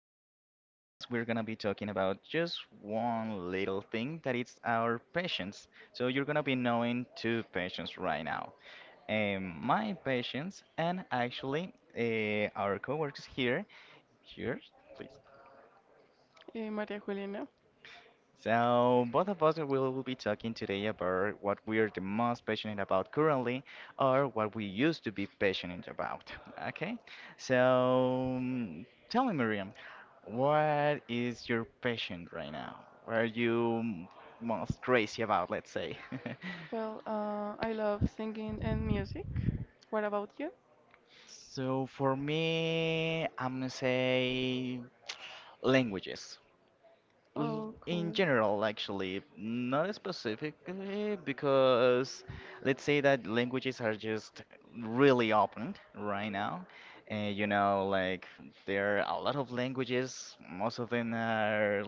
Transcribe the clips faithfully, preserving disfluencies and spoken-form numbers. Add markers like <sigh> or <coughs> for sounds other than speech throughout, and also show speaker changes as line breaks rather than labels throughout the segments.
today's podcast, we're gonna be talking about just one little thing that it's our patience. So you're gonna be knowing two patients right now. Um, my patients and actually uh, our coworkers here. Here, please.
Eh, Maria Juliana.
So, both of us will be talking today about what we are the most passionate about currently or what we used to be passionate about. Okay? So, mm, tell me, Miriam, what is your passion right now? What are you m- most crazy about, let's say? <laughs>
Well, uh, I love singing and music. What about you?
So, for me, I'm gonna say languages. Well,
Oh,
in
cool.
general, actually, not specifically, because let's say that languages are just really open right now. And you know, like there are a lot of languages, most of them are,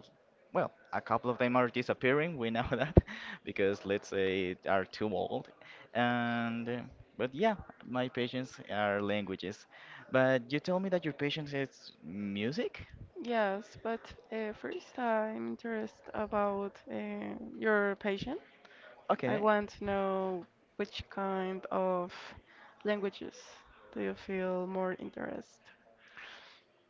well, a couple of them are disappearing, we know <laughs> that, because let's say are too old. And uh, but yeah, my passions are languages. But you told me that your passion is music?
Yes, but uh, first I'm interested about uh, your passion. I
Okay.
want to know which kind of languages do you feel more interest?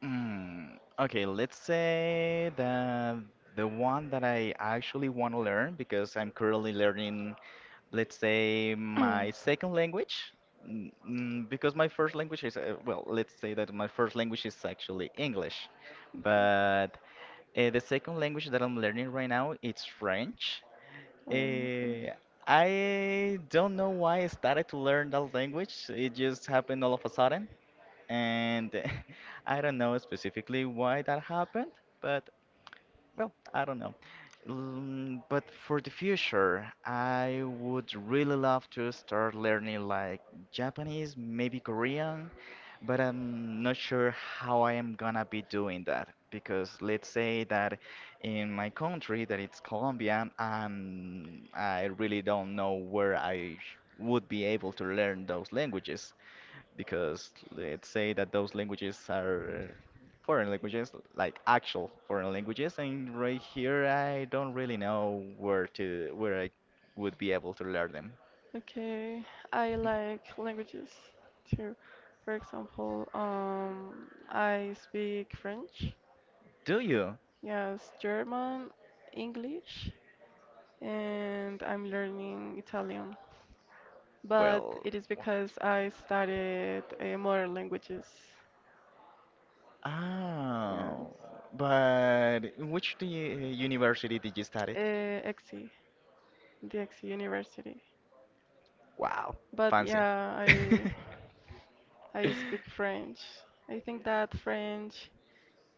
Mm, okay, let's say that the one that I actually want to learn because I'm currently learning let's say my second language mm, mm, because my first language is uh, well let's say that my first language is actually english but uh, the second language that I'm learning right now it's french.
<clears throat> Okay.
uh, I don't know why I started to learn that language, it just happened all of a sudden and <laughs> I don't know specifically why that happened, but well, I don't know. Mm, But for the future, I would really love to start learning like Japanese, maybe Korean, but I'm not sure how I am gonna be doing that because let's say that in my country, that it's Colombia, um, I really don't know where I sh- would be able to learn those languages because let's say that those languages are foreign languages, like actual foreign languages, and right here I don't really know where to where I would be able to learn them.
Okay, I like languages too. For example, um, I speak French,
Do you?
yes, German, English, and I'm learning Italian. But
Well,
it is
what?
because I studied uh, modern languages, yes,
Oh, but in which do you, university did you study?
uh, E X I, the E X I University.
Wow,
But
fancy.
yeah,
<laughs>
I I speak French. I think that French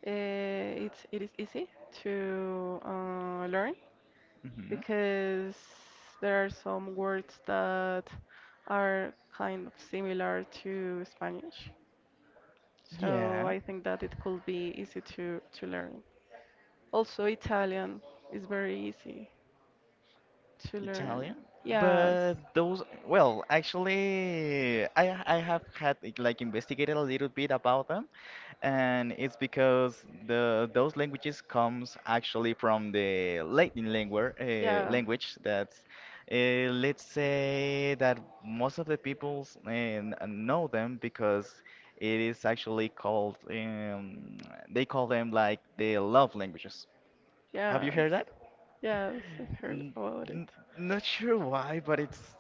Uh, it's it is easy to uh, learn
Mhm.
because there are some words that are kind of similar to Spanish. So
Yeah.
I think that it could be easy to to learn. Also, Italian is very easy to
Italian?
learn. Yes.
But those, well, actually, I I have had like like, investigated a little bit about them, and it's because the those languages comes actually from the Latin language uh,
Yeah.
language that's uh, let's say that most of the peoples uh, n- know them because it is actually called um, they call them like the love languages. Have you
Yes.
heard that?
Yes, I have heard
N-
about
n-
it.
Not sure why, but it's.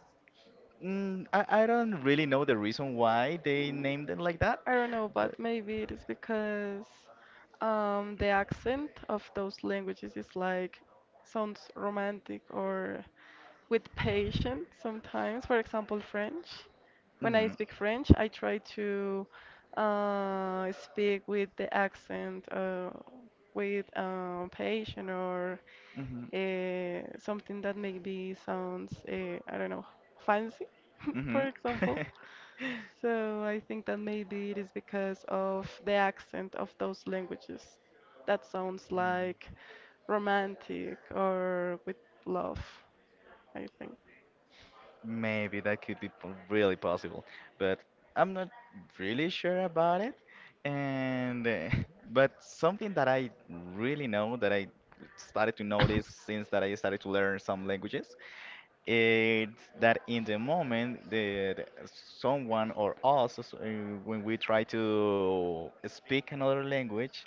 Mm, I, I don't really know the reason why they named it like that,
I don't know, but
but.
maybe it is because um, the accent of those languages is like sounds romantic or with patience sometimes. For example, French. When I
Mhm.
speak French, I try to uh, speak with the accent, uh, with uh, patience, or
Mhm.
uh, something that maybe sounds, uh, I don't know, fancy, <laughs> for
Mhm.
example.
<laughs>
So I think that maybe it is because of the accent of those languages. That sounds like romantic or with love, I think.
Maybe that could be po- really possible, but I'm not really sure about it. And uh, <laughs> but something that I really know that I started to notice since that I started to learn some languages, it's that in the moment that someone or us, uh, when we try to speak another language,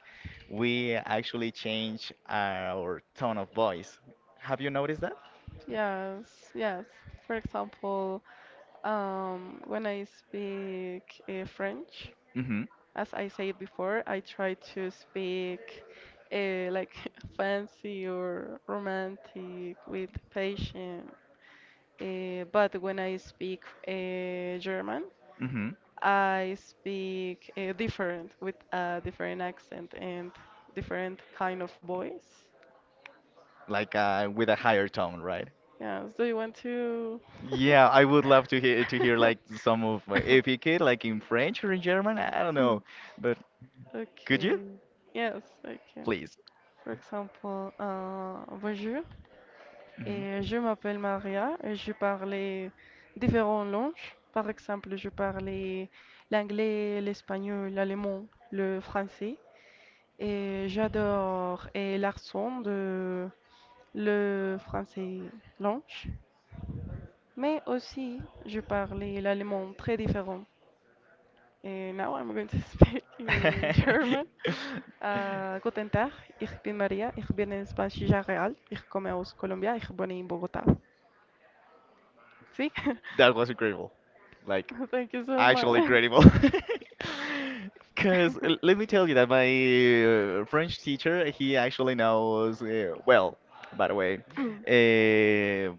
we actually change our tone of voice. Have you noticed that?
Yes, yes. For example, um, when I speak uh, French,
Mm-hmm.
as I said before, I try to speak, uh, like, <laughs> fancy or romantic with patience. Uh, but when I speak uh, German,
Mm-hmm.
I speak uh, different, with a different accent and different kind of voice.
Like uh, with a higher tone, right?
Yes. Do you want to?
Yeah, I would love to hear to hear like
<laughs>
some of uh, if you could like in French or in German, I don't know, but could
Okay.
you
Yes, I can.
please?
For example, uh, bonjour.
Hmm.
Et je m'appelle Maria et je parlais différentes langues. Par exemple, je parlais l'anglais, l'espagnol, l'allemand, le français. Et j'adore et l'accent de le français langue, mais aussi je parlais l'allemand très différent. And now I'm going to <laughs> speak in German.
<laughs> That
Uh, guten Tag, ich bin Maria, ich bin in Spanish real, ich komme aus Colombia, ich wohne in Bogotá. See?
was incredible. Like,
<laughs> Thank you so
actually
much.
incredible.
<laughs>
<laughs> Because let me tell you that my uh, French teacher, he actually knows, uh, well, by the way, uh,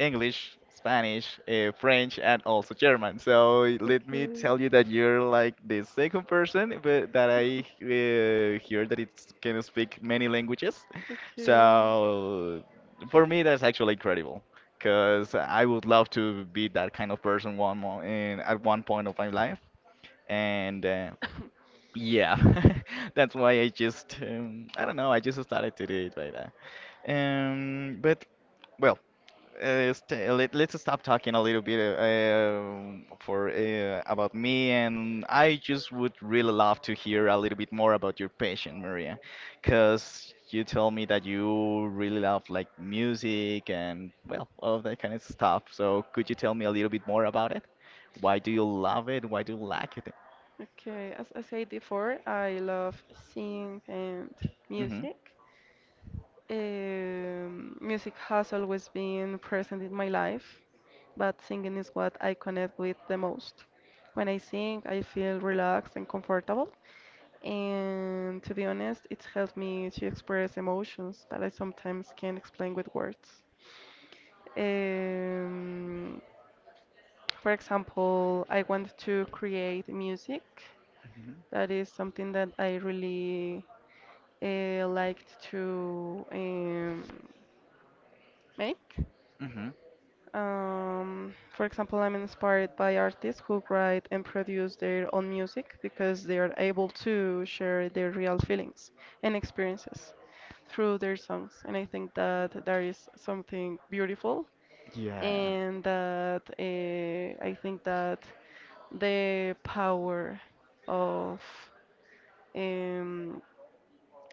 English, Spanish, uh, French, and also German. So let me tell you that you're like the second person but that I uh, hear that it can speak many languages.
Okay. Okay.
So for me, that's actually incredible because I would love to be that kind of person one more in at one point of my life. And uh,
<coughs>
yeah, <laughs> that's why I just um, I don't know. I just started to do it by that. Um, but well, uh, st uh, let, let's stop talking a little bit uh, for uh, about me, and I just would really love to hear a little bit more about your passion, Maria, because you told me that you really love like music and well, all of that kind of stuff. So could you tell me a little bit more about it? Why do you love it? Why do you like it?
Okay, as I said before, I love singing and music. Um, music has always been present in my life, but singing is what I connect with the most. When I sing, I feel relaxed and comfortable. And to be honest, it's helped me to express emotions that I sometimes can't explain with words. Um, for example, I want to create music.
Mm-hmm.
That is something that I really uh, liked to, um, make.
Hmm.
Um, for example, I'm inspired by artists who write and produce their own music because they are able to share their real feelings and experiences through their songs. And I think that there is something beautiful,
Yeah,
and that, uh, I think that the power of, um,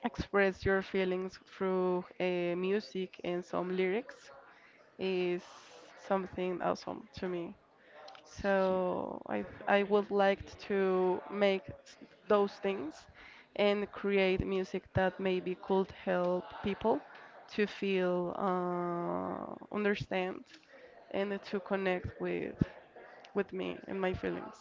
express your feelings through uh, music and some lyrics is something awesome to me.
y-
So I I would like to make s- those things and create music that maybe could help people to feel, uh, understand and to connect with with me and my feelings.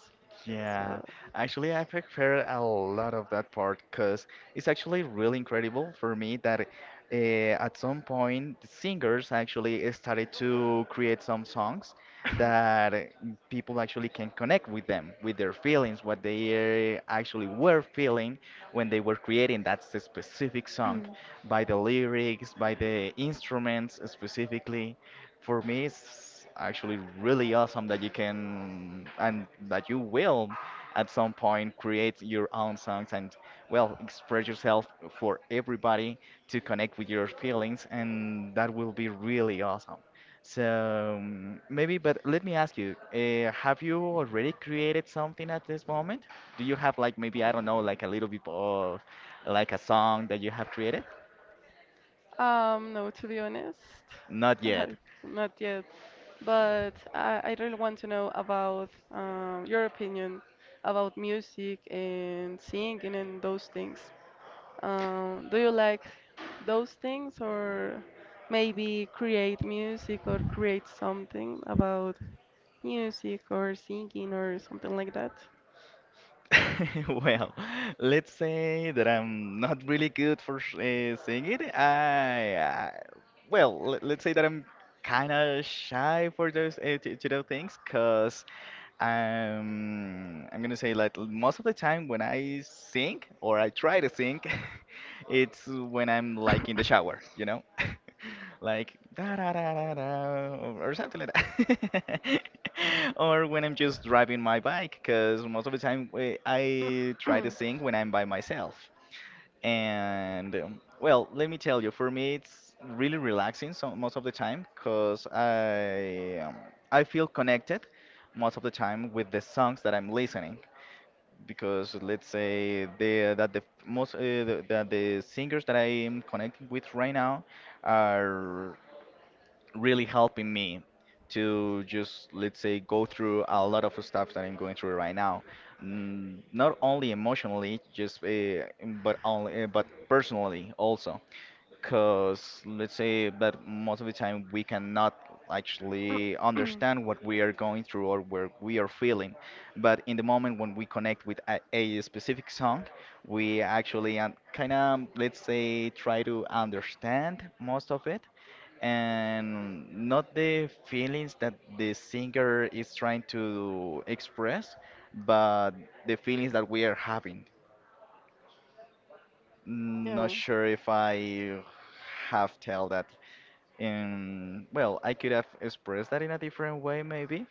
yeah.
So
Actually, I prefer a lot of that part because it's actually really incredible for me that uh, at some point the singers actually started to create some songs that uh, people actually can connect with them, with their feelings, what they uh, actually were
<laughs>
feeling when they were creating that s- specific song,
Mm.
by the lyrics, by the instruments specifically. For me, it's actually really awesome that you can and that you will at some point create your own songs and, well, express yourself for everybody to connect with your feelings, and that will be really awesome. So mm, maybe, but let me ask you, uh, have you already created something at this moment? Do you have like maybe, I don't know, like a little bit of like a song that you have created?
Um, no, to be honest,
Not yet.
<laughs> not yet. But I, I really want to know about, um, your opinion about music and singing and those things. Um, do you like those things, or maybe create music or create something about music or singing or something like that?
<laughs> Well, let's say that I'm not really good for sh- uh, singing. I, I well, let, let's say that I'm kind of shy for those uh, to, to those things, cause. Um, I'm gonna say like most of the time when I sing or I try to sing, <laughs> it's when I'm like in the shower, you know, <laughs> like
<laughs> <clears throat> <coughs>
da da da da da or something like that, <laughs> or when I'm just driving my bike, because most of the time eh, I try to sing when I'm by myself. And um, well, let me tell you, for me, it's really relaxing so most of the time because I um, I feel connected most of the time with the songs that I'm listening. Because let's say the that the most uh, the, that the singers that I am connecting with right now are really helping me to just let's say go through a lot of stuff that I'm going through right now. Mm, Not only emotionally, just uh, but only, uh, but personally also because let's say that most of the time we cannot actually understand what we are going through or where we are feeling, but in the moment when we connect with a, a specific song we actually kind of let's say try to understand most of it and not the feelings that the singer is trying to express but the feelings that we are having.
Yeah.
Not
Mm.
sure if I have tell that, and well, I could have expressed that in a different way, maybe,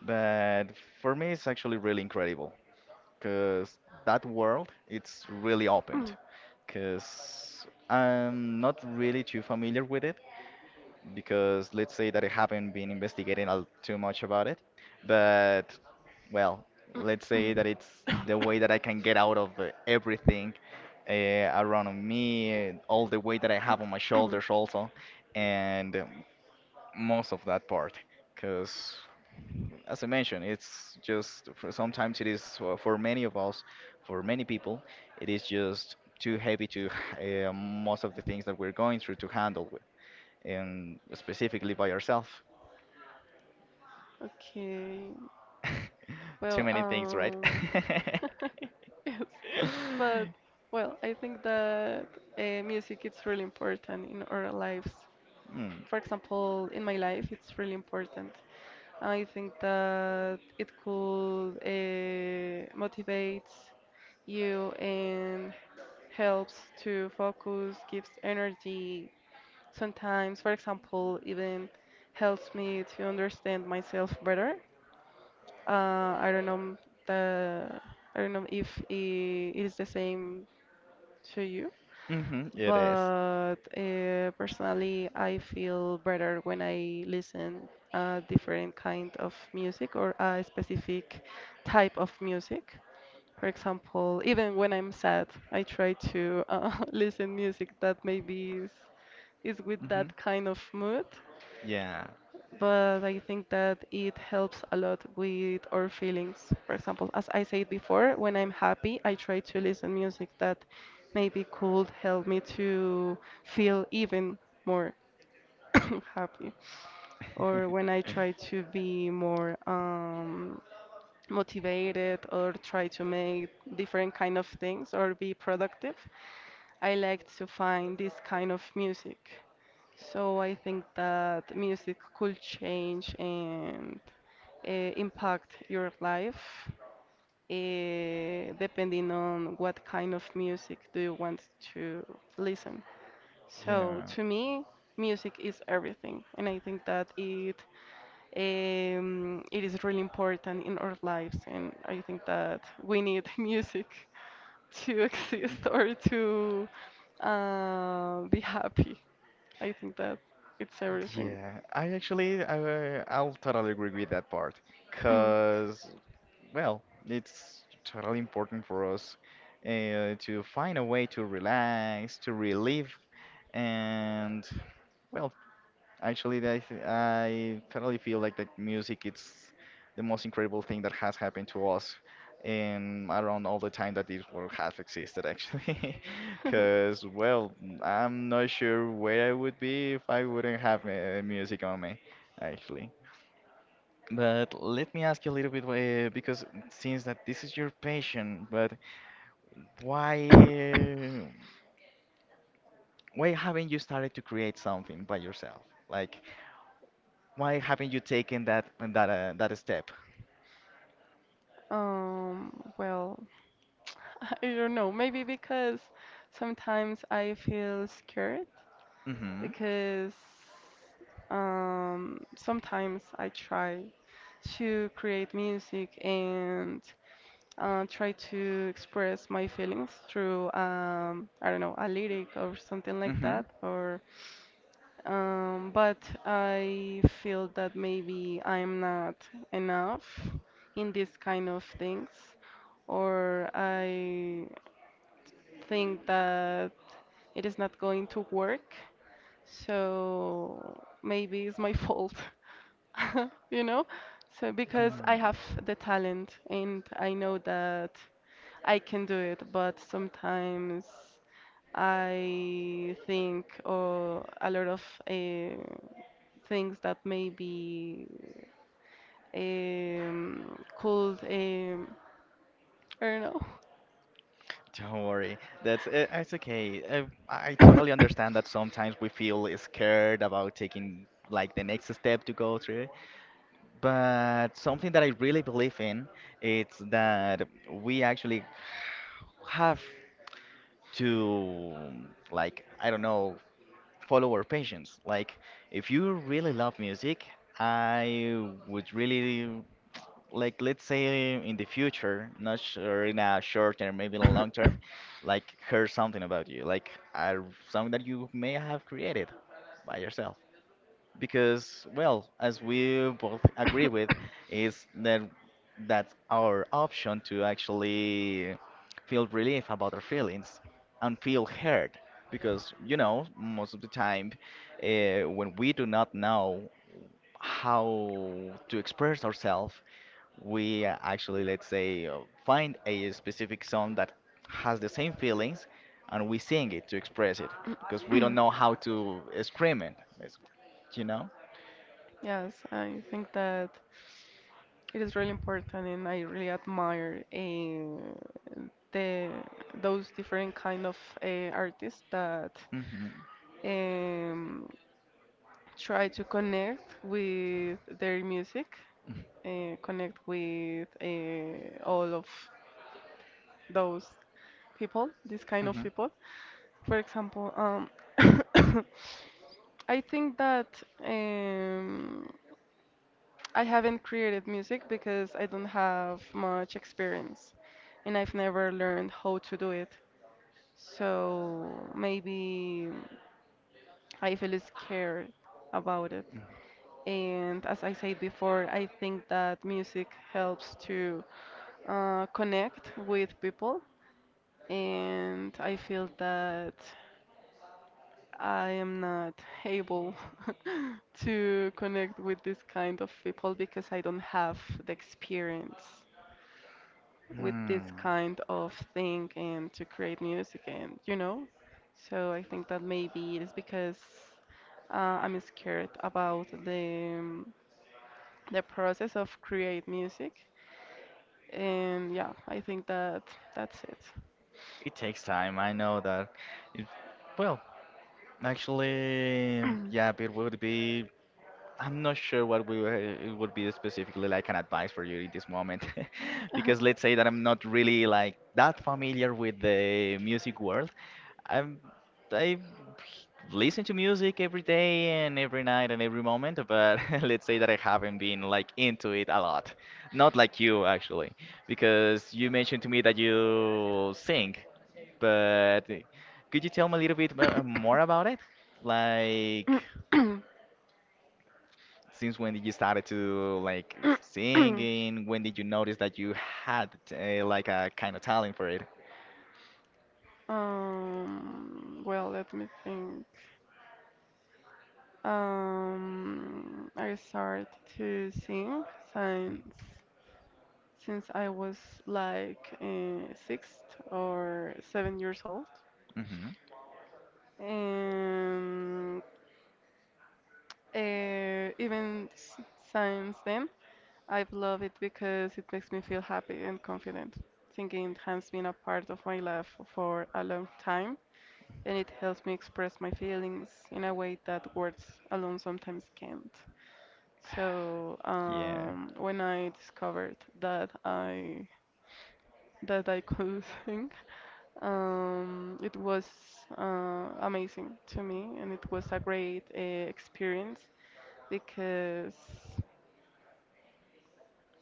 but for me, it's actually really incredible because that world it's really opened.
Mm.
Because I'm not really too familiar with it, because let's say that I haven't been investigating al- too much about it, but well, let's say that it's the way that I can get out of uh, everything uh, around me, uh, all the weight that I have on my shoulders also,
<clears throat>
and. um, most of that part because as I mentioned it's just for sometimes it is uh, for many of us, for many people it is just too heavy to <laughs> uh, most of the things that we're going through to handle with, and specifically by ourselves.
Okay.
<laughs> Too
Well,
many things, right? <laughs>
um,
Mm.
<laughs> yes, but well, I think that uh, music is really important in our lives.
Hmm.
For example, in my life, it's really important. I think that it could uh, motivate you and helps to focus, gives energy. Sometimes, for example, even helps me to understand myself better. Uh, I don't know the I don't know if i- it is the same to you,
Mm-hmm, it is.
but uh, personally, I feel better when I listen a different kind of music or a specific type of music. For example, even when I'm sad, I try to uh, <laughs> listen music that maybe is, is with
Mm-hmm.
that kind of mood,
Yeah.
but I think that it helps a lot with our feelings. For example, as I said before, when I'm happy, I try to listen music that maybe could help me to feel even more <coughs> happy. Or when I try to be more, um, motivated or try to make different kind of things or be productive, I like to find this kind of music. So I think that music could change and uh, impact your life, uh, depending on what kind of music do you want to listen. So
Yeah.
to me, music is everything, and I think that it, um, it is really important in our lives, and I think that we need <laughs> music to <laughs> exist or to uh, be happy. I think that it's everything.
Yeah, I actually I uh, I'll totally agree with that part, cause
<coughs>
well, it's totally important for us uh, to find a way to relax, to relieve, and well, Actually, I th I totally feel like that music it's the most incredible thing that has happened to us in around all the time that this world has existed, actually. <laughs>
<clears throat>
Because, well, I'm not sure where I would be if I wouldn't have uh, music on me, actually. But let me ask you a little bit, uh, because since that this is your passion, but why uh, why haven't you started to create something by yourself? Like, why haven't you taken that that uh, that step?
Um, well, <laughs> I don't know. Maybe because sometimes I feel scared
Mm-hmm.
because, um, sometimes I try to create music and uh, try to express my feelings through, um, I don't know, a lyric or something like
Mm-hmm.
that, or, um, but I feel that maybe I'm not enough in this kind of things, or I think that it is not going to work, so maybe it's my <laughs> fault, <laughs> you know? So because I have the talent and I know that I can do it, but sometimes I think or a lot of uh, things that maybe, um, could, um, I don't
Don't worry. That's uh, it's okay. Uh, I
know.
totally
<coughs>
understand that sometimes we feel scared about taking like the next step to go through. But something that I really believe in it's that we actually have to, like I don't know, follow our passions. Like, if you really love music, I would really like, let's say in the future, not sure in a short term, maybe in a long term, like hear something about you, like a song that you may have created by yourself because well as we both agree with is that that's our option to actually feel relief about our feelings and feel heard because you know most of the time uh, when we do not know how to express ourselves we uh, actually let's say uh, find a specific song that has the same feelings and we sing it to express it because we don't know how to uh, scream it you know?
Yes, I think that it is really important, and I really admire uh, the those different kind of uh, artists that,
Mm-hmm.
um, try to connect with their music, uh, connect with uh, all of those people, this kind of
Mm-hmm.
people. For example, um, <coughs> I think that, um, I haven't created music because I don't have much experience and I've never learned how to do it. So maybe I feel scared about it. And as I said before, I think that music helps to uh, connect with people. And I feel that I am not able <laughs> to connect with this kind of people because I don't have the experience with this
Hmm.
kind of thing and to create music, and you know. So I think that maybe it is because, uh, I'm scared about the, um, the process of create music. And yeah, I think that that's it.
It takes time. I know that. It, well, actually, yeah, it would be. I'm not sure what we were- It would be specifically like an advice for you in this moment, <laughs> because let's
<laughs>
say that I'm not really like that familiar with the music world. I'm I listen to music every day and every night and every moment, but <laughs> let's say that I haven't been like into it a lot. Not like you actually, because you mentioned to me that you sing, but could you tell me a little bit mo- more about it? Like. Since when did you started to like singing? When did you notice that you had uh, like a kind of talent for it?
Um, well, let me think. Um, I started to sing since since I was like uh, six or seven years old,
Hmm.
and uh, even s- since then, I love it because it makes me feel happy and confident. Singing has been a part of my life for a long time, and it helps me express my feelings in a way that words alone sometimes can't. So,
Yeah,
um, when I discovered that I that I could <laughs> sing, um, it was uh, amazing to me, and it was a great uh, experience because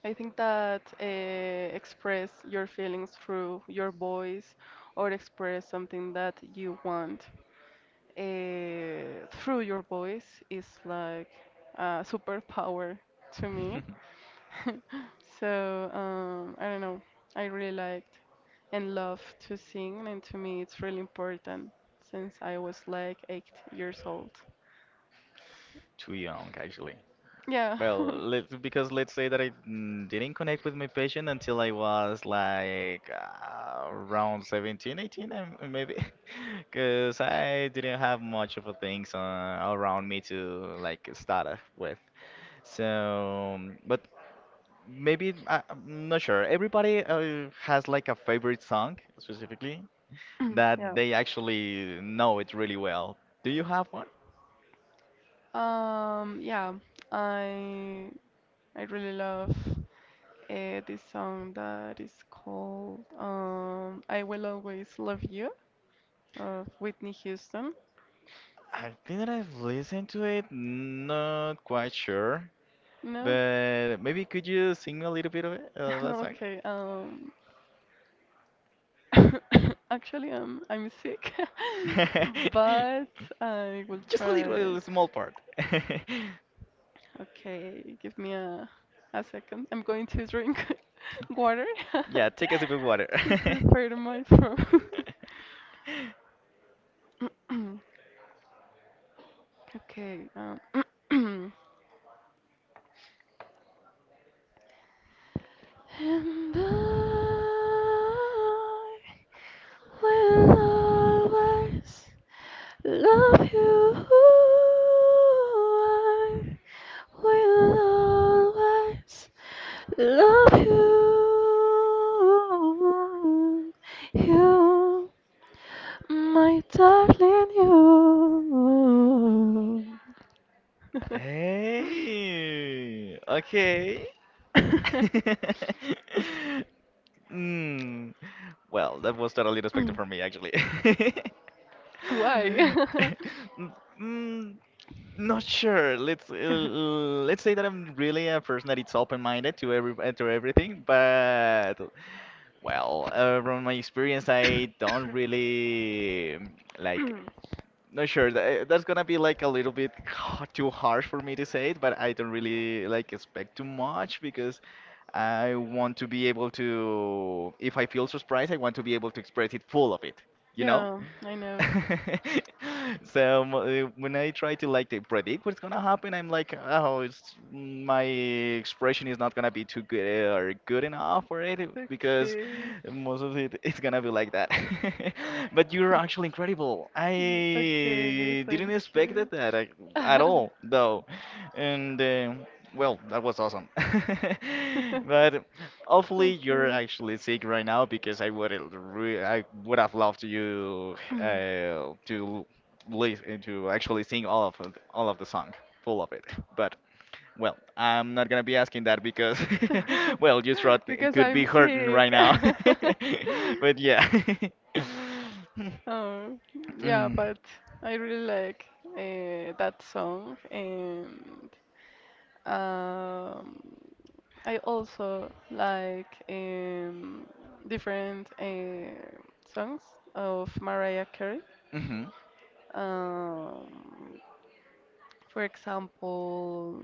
I think that uh, express your feelings through your voice or express something that you want uh, through your voice is like a superpower to me. <laughs> So, um, I don't know. I really liked and love to sing, and to me it's really important since I was like eight years old.
too young actually.
Yeah.
Well, let, because let's say that I mm, didn't connect with my
<clears throat>
passion until I was
<laughs>
like uh, around seventeen, eighteen, um, maybe, <laughs> because I didn't have much of a things uh, around me to like start off with. So, but maybe I, I'm not sure. Everybody uh, has like a favorite song specifically
<coughs> Yeah.
that they actually know it really well. Do you have one?
Um, yeah, I I really love uh, this song that is called, um, "I Will Always Love You" of Whitney Houston.
I think that I've listened to it, not quite sure,
No?
but maybe could you sing
<laughs>
me a little bit of it, of that song?
Okay. Um, <coughs> actually, I'm I'm sick, <laughs> but
<laughs>
I will
Just a
try.
little, small part. <laughs>
Okay, give me a a second. I'm going to drink <laughs> water <laughs>
Yeah, take a sip of water.
to prepare my throat.
<laughs>
<laughs> <coughs> Okay. Um, <clears throat> and I will always love you. I will always love you. You, my darling, you.
Hey, okay.
<laughs>
<laughs> Mm. Well, that was totally unexpected for me, actually.
<laughs>
<laughs>
<clears throat> Why? <laughs>
Mm, not sure. Let's uh, let's say that I'm really a person that it's open-minded to every uh, to everything,
<coughs>
but well, uh, from my experience, I don't really like not sure. That, that's gonna be like a little bit h- too harsh for me to say it, but I don't really like expect too much because I want to be able to, if I feel surprised, I want to be able to express it full of it, you know?
Yeah, I know.
<laughs> So mo- uh, when I try to like to predict what's gonna happen, I'm like, oh, it's my expression is not gonna be too good uh, or good enough for it because
Okay.
most of it it's gonna be like that. <laughs> But you're actually incredible.
Mm. Okay,
I didn't
thank
expect that,
you.
that I- at all,
<laughs>
though. And um well, that was awesome. <laughs> But hopefully
Thank
you're
you.
actually sick right now because I would re I would have loved you
Mm.
uh, to listen to actually sing all of it- all of the song, full of it. But well, I'm not gonna be asking that because <laughs> well, your throat
<laughs>
c-
Because
could
I'm
be hurting right
sick.
now. <laughs> But
<laughs>
yeah.
Oh, yeah, but
<laughs>
I really like uh, that song, and, um, I also like, um, different uh, songs of Mariah Carey.
Mm-hmm. Am
Um, for example,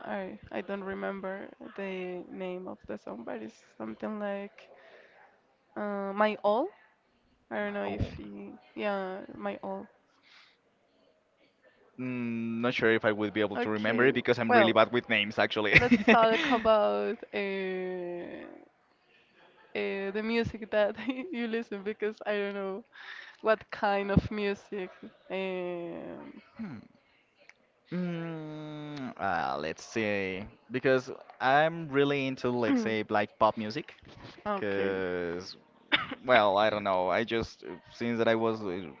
I I don't remember the name of the song, but it's something like uh, "My All." I don't
I
know if
old?
you, yeah, "My All."
Mm, not sure if I would be able to remember
Okay,
it because I'm
well,
really bad with names, actually.
let's <laughs>
<laughs>
talk about uh, uh, the music that <laughs> you listen because I don't know what kind of music. Um,
Mm, uh, let's see. Because I'm really into, let's say,
<clears throat>
like pop music,
okay,
because well, I don't know. I just Since that I was uh,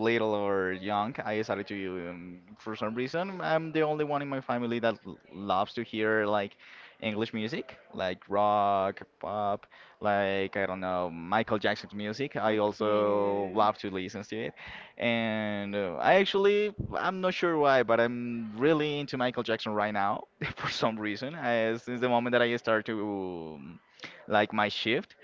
little or young, I started to um, for some reason I'm the only one in my family that l- loves to hear like English music, like rock, pop, like I don't know, Michael Jackson's music. I also
okay.
love to listen to it. And uh, I actually I'm not sure why, but I'm really into Michael Jackson right now <laughs> for some reason. I, since the moment that I start to um, like my shift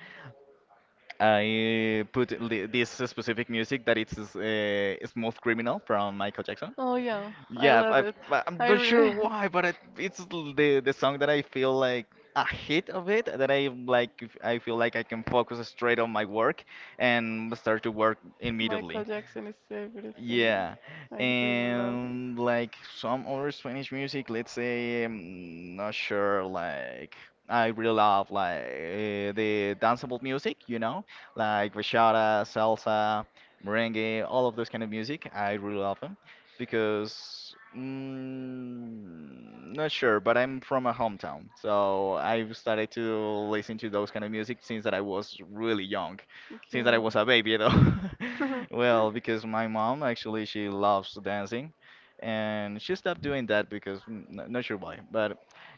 I put li- this specific music that it's uh, Smooth Criminal from Michael Jackson.
Oh yeah, I
Yeah,
love
I,
it.
I- I'm
I
not sure
really,
why, but it, it's l- the the song that I feel like
<laughs>
a hit of it that I like. I feel like I can focus straight on my work and start to work
Michael
immediately.
Jackson is everything.
Yeah,
I really love it.
and like some other Spanish music, let's say, I'm not sure, like I really love like eh, the danceable music, you know, like bachata, salsa, merengue, all of those kind of music. I really love them because mm, not sure, but I'm from a hometown, so I've started to listen to those kind of music since that I was really young,
Okay.
since that I was a baby, you know. <laughs>
<laughs>
Well, because my mom actually she loves dancing, and she stopped doing that because mm, n not sure why, but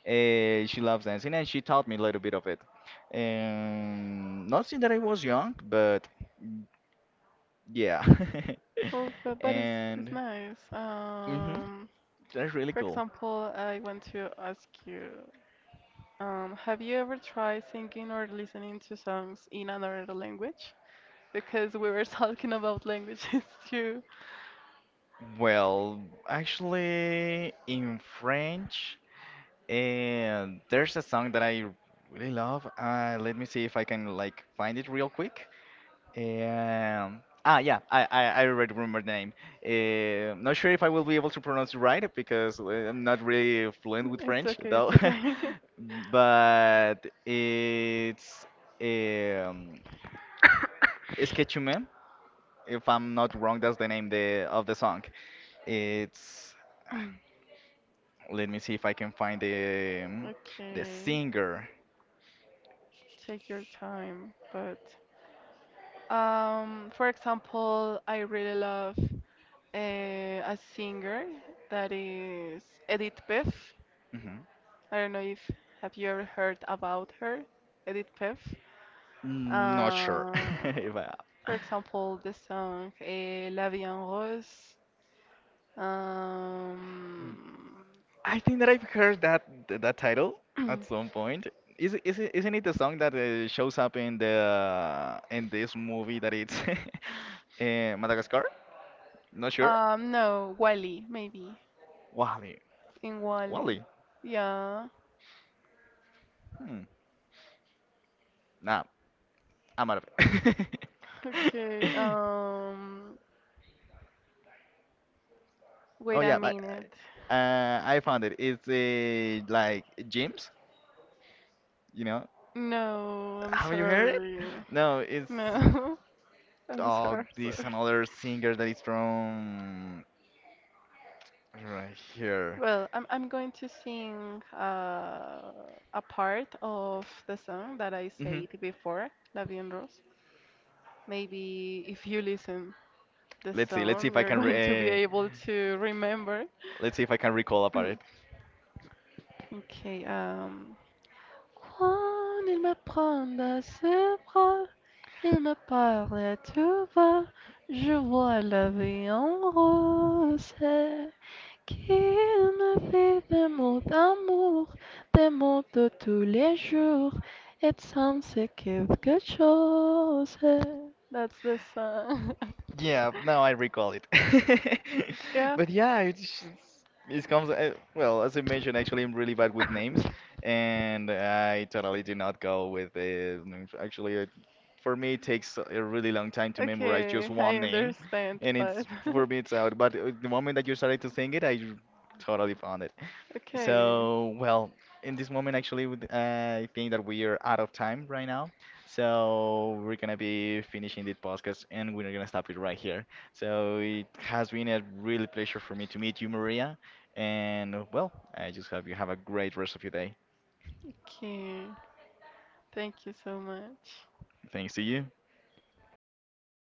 uh, she loves dancing and she taught me a little bit of it. And not since that I was young, but yeah.
Well, but,
<laughs>
but it's, it's
And
nice.
mhm,
Um,
that's really
for
cool.
example, I want to ask you, um, have you ever tried singing or listening to songs in another language? Because we were <laughs> talking about languages <laughs> too.
Well, actually, in French. And there's a song that I really love. Uh, let me see if I can like find it real quick. Um, ah, yeah, I, I, I already remember the name. Uh, not sure if I will be able to pronounce it right because uh, I'm not really fluent with
It's
French
okay, it's
though.
so
<laughs> But it's um, Sketchume, if I'm not wrong, that's the name the of the song. It's
okay. <coughs> <laughs> <clears throat>
let me see if I can find the um, the
Okay,
singer.
take your time, but, um, for example, I really love uh, a singer that is Edith Piaf.
Mhm.
I don't know if have you ever heard about her, Edith Piaf.
Mm, not sure
Uh,
<laughs> if I.
for example, the song, eh, La Vie en Rose. Um,
I think that I've heard that that title at some point.
<clears throat>
Is it, is it, isn't it the song that uh, shows up in the uh, in this movie that it's <laughs> uh, Madagascar? Not sure.
um, no, Wally, maybe
Wally.
in Wally.
Wally.
Yeah.
Hmm. Nah, I'm out of it.
<laughs> Okay.
<laughs>
Um,
Oh
wait a
yeah, but
minute.
uh, uh, I found it. It's a like gyms, you know.
No, I'm
Have you heard it?
sorry.
No, it's
No, <laughs> I'm
oh,
sorry,
this
sorry.
another singer that is from right here.
Well, I'm I'm going to sing uh, a part of the song that I
Hmm.
said before, La Vie en Rose. Maybe if you listen the
Let's see. Let's see if
song,
I
you're
can. Re
going to be
uh,
able to remember.
let's see if I can recall about it.
<clears throat> Okay, um. Quand il me prend dans ses bras, il me parle tout bas, je vois la vie en rose, qui me fait des mots d'amour, des mots de tous les jours, et ça me c'est quelque chose. That's the song. <laughs>
Yeah, now I recall it. <laughs>
Yeah.
But yeah, it's just- it comes. Uh, well, as I mentioned, actually, I'm really bad with names, and I totally did not go with the names. Actually, it, for me, it takes a really long time to memorize just
Okay, I
one name,
understand,
and
but
it's
<laughs>
for me it's out. But uh, the moment that you started to sing it, I totally found it.
okay,
So, well, in this moment, actually, with- uh, I think that we are out of time right now. So, we're gonna be finishing this podcast and we're gonna stop it right here. So, it has been a really pleasure for me to meet you, Maria. And, well, I just hope you have a great rest of your day.
okay. Thank you so much.
Thanks to you.